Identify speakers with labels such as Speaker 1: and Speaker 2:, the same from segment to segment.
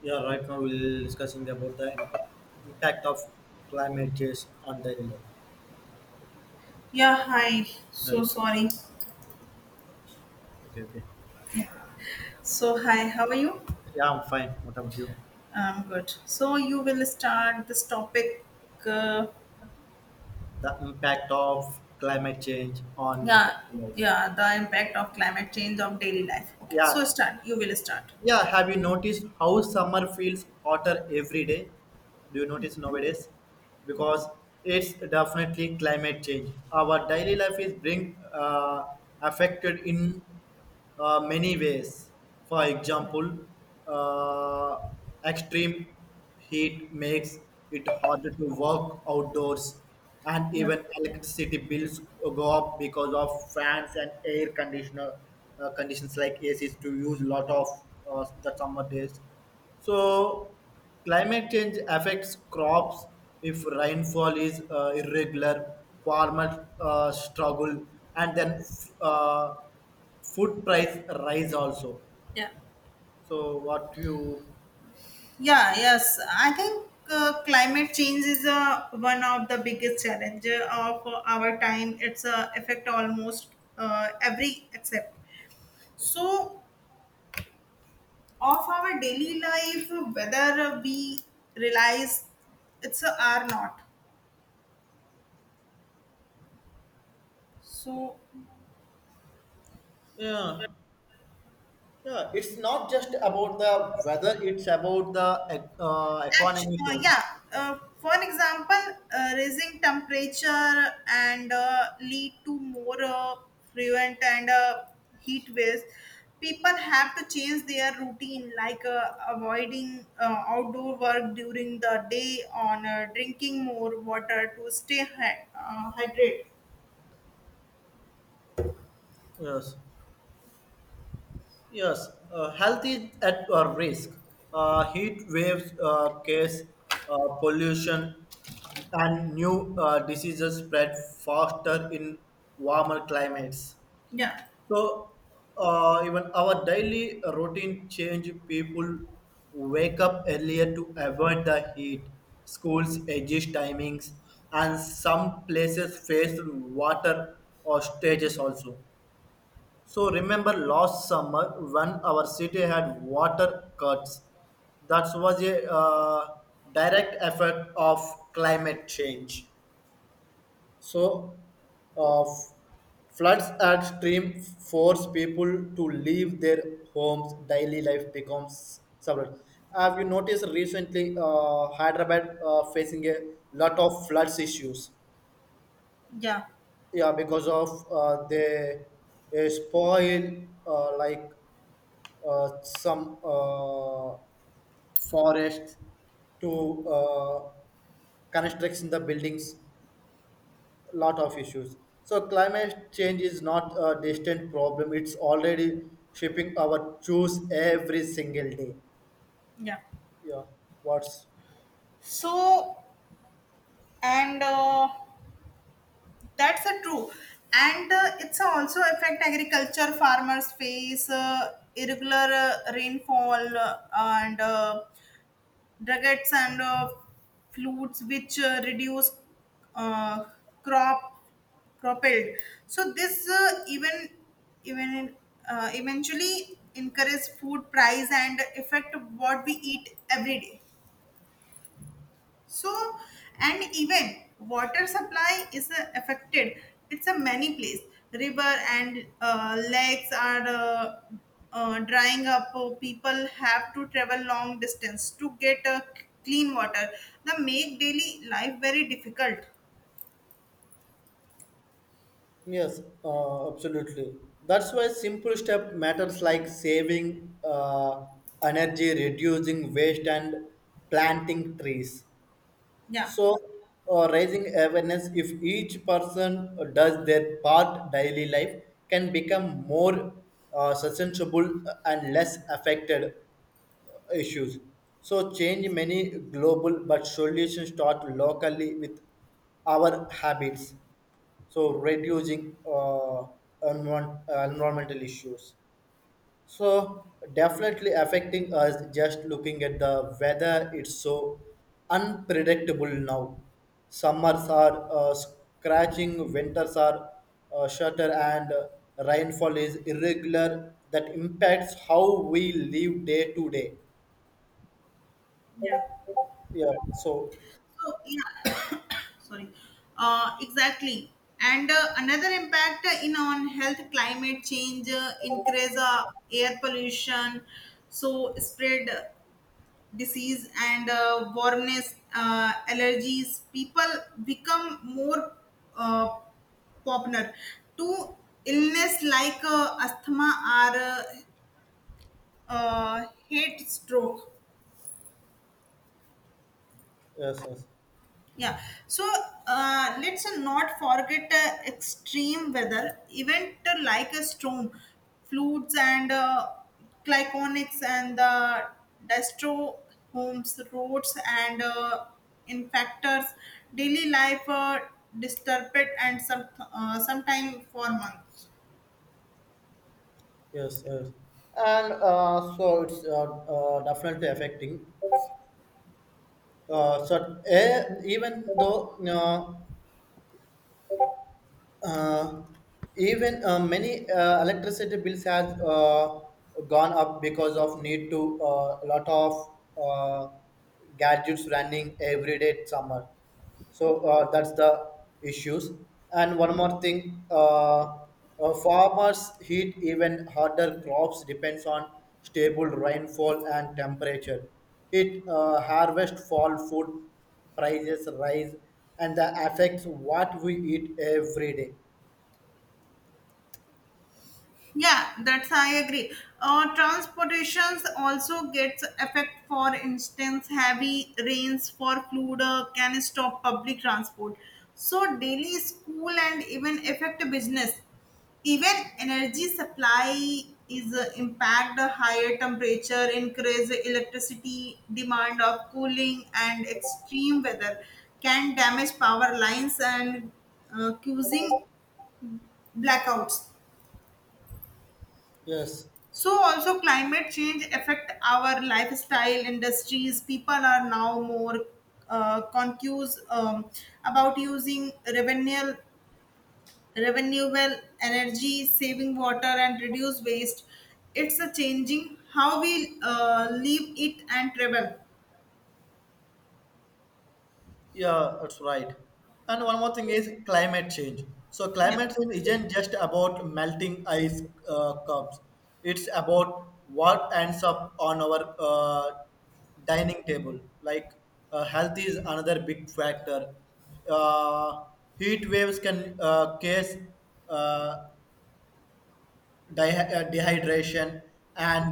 Speaker 1: Yeah, right now we'll discussing about the impact of climate change on daily life.
Speaker 2: Yeah, hi. So
Speaker 1: Right.
Speaker 2: sorry.
Speaker 1: Okay, okay.
Speaker 2: So hi, how are you?
Speaker 1: Yeah, I'm fine. What about you?
Speaker 2: I'm good. So you will start this topic. Uh,
Speaker 1: The impact of climate change on
Speaker 2: yeah,
Speaker 1: daily life.
Speaker 2: yeah, the impact of climate change of daily life. Okay,
Speaker 1: Yeah,
Speaker 2: so start. You will start.
Speaker 1: yeah. Have you noticed how summer feels hotter every day? Do you notice nowadays? Because it's definitely climate change. Our daily life is being affected in many ways. For example, uh, extreme heat makes it harder to work outdoors, and
Speaker 2: Yeah,
Speaker 1: even electricity bills go up because of fans and air conditioner conditions like ACs to use lot of the summer days. So, climate change affects crops. If rainfall is irregular, farmers struggle, and then uh, food price rise also
Speaker 2: yeah,
Speaker 1: so what you
Speaker 2: yeah. Yes, I think climate change is one of the biggest challenge of our time. It's affect almost every except so of our daily life whether we realize it's a or not so
Speaker 1: yeah. Yeah, it's not just about the weather, it's about the economy
Speaker 2: actually,
Speaker 1: too.
Speaker 2: yeah, for an example, raising temperature and lead to more frequent and heat waves. People have to change their routine like avoiding outdoor work during the day on drinking more water to stay hydrated.
Speaker 1: Yes. Yes Health is at risk. Heat waves case pollution and new diseases spread faster in warmer climates.
Speaker 2: yeah
Speaker 1: So even our daily routine change. People wake up earlier to avoid the heat. Schools adjust timings, and some places face water or stages also. So remember last summer when our city had water cuts. That was a direct effect of climate change. So, uh, f- floods at stream force people to leave their homes. Daily life becomes suffered. Have you noticed recently Hyderabad facing a lot of floods issues?
Speaker 2: yeah
Speaker 1: Yeah, because of the spoil like some forest to constructs in the buildings lot of issues. So climate change is not a distant problem. It's already shaping our choice every single day.
Speaker 2: yeah
Speaker 1: Yeah. What's
Speaker 2: So, and that's a true. And it's also affect agriculture. Farmers face irregular rainfall, and droughts and floods, which reduce uh, crop crop yield. So this even eventually increase food price and affect what we eat every day. So, and even water supply is affected. It's a many place. River and lakes are drying up. Oh, people have to travel long distance to get clean water. That make daily life very difficult.
Speaker 1: yes, absolutely. That's why simple step matters like saving energy, reducing waste, and planting trees.
Speaker 2: Yeah.
Speaker 1: So, raising awareness, if each person does their part, daily life can become more sustainable and less affected issues. So, change many global, but solutions start locally with our habits. So, reducing environmental issues. So definitely affecting us just looking at the weather. It's so unpredictable now. Summers are scratching, winters are shorter, and rainfall is irregular. That impacts how we live day to day.
Speaker 2: Yeah.
Speaker 1: Yeah. So
Speaker 2: So, yeah, sorry. Exactly. And another impact in on health, climate change increase air pollution, so spread disease and warmness, allergies. People become more uh, popular to illness like asthma or heat stroke.
Speaker 1: yes, yes,
Speaker 2: Yeah. So let's not forget extreme weather event like a storm, floods and glyconics and the destro homes, roads and infectors, daily life disturbed and sometime for month.
Speaker 1: yes. And so it's definitely affecting. So eh, even though uh, even Many electricity bills has gone up because of need to a lot of uh, gadgets running every day summer so that's the issues. And one more thing, farmers heat even harder crops depends on stable rainfall and temperature. It harvest fall food prices rise, and that affects what we eat every day.
Speaker 2: Yeah, that's I agree. Transportations also gets effect. For instance, heavy rains for flood can stop public transport. So daily school and even affect business. Even energy supply is impact. A higher temperature increase electricity demand of cooling, and extreme weather can damage power lines and causing blackouts.
Speaker 1: Yes,
Speaker 2: So also climate change affect our lifestyle industries. People are now more conscious about using revenue, renewable energy, saving water, and reduce waste. It's a changing how we live, eat, and travel.
Speaker 1: yeah, that's right. And one more thing is climate change. So
Speaker 2: Yeah.
Speaker 1: climate change isn't just about melting ice cups. It's about what ends up on our dining table. Like health is another big factor. Uh, Heat waves can cause uh, dehydration, and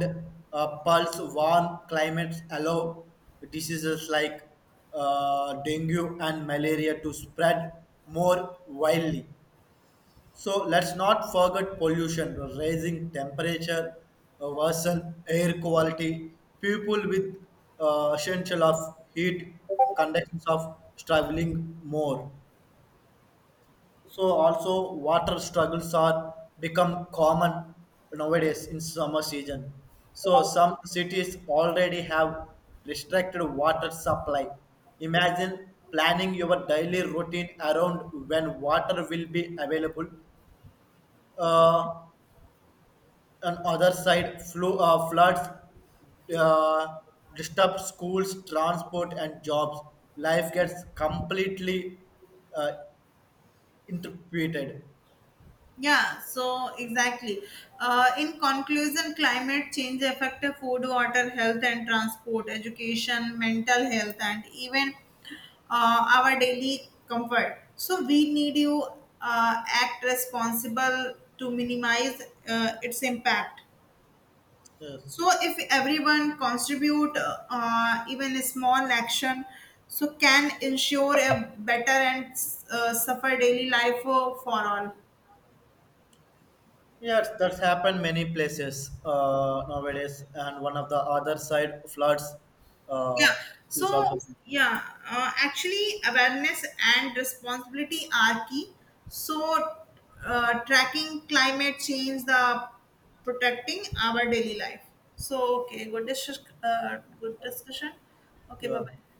Speaker 1: pulse warm climates allow diseases like dengue and malaria to spread more widely. So let's not forget pollution, rising temperature, worsen air quality. People with essential of heat conditions of traveling more. So also water struggles are become common nowadays in summer season. So some cities already have restricted water supply. Imagine planning your daily routine around when water will be available. Uh, on other side, floods uh, disturb schools, transport, and jobs. Life gets completely uh, interpreted.
Speaker 2: Yeah, so exactly. In conclusion, climate change affects food, water, health, and transport, education, mental health, and even our daily comfort. So we need you act responsible to minimize its impact.
Speaker 1: Yes.
Speaker 2: So if everyone contribute even a small action, so can ensure a better and suffer daily life for all.
Speaker 1: Yes, that's happened many places nowadays, and one of the other side floods
Speaker 2: Yeah.
Speaker 1: uh, is
Speaker 2: So,
Speaker 1: also.
Speaker 2: yeah, actually, awareness and responsibility are key. So, tracking climate change, the protecting our daily life. So, okay, good, good discussion. Okay, bye
Speaker 1: Yeah.
Speaker 2: bye.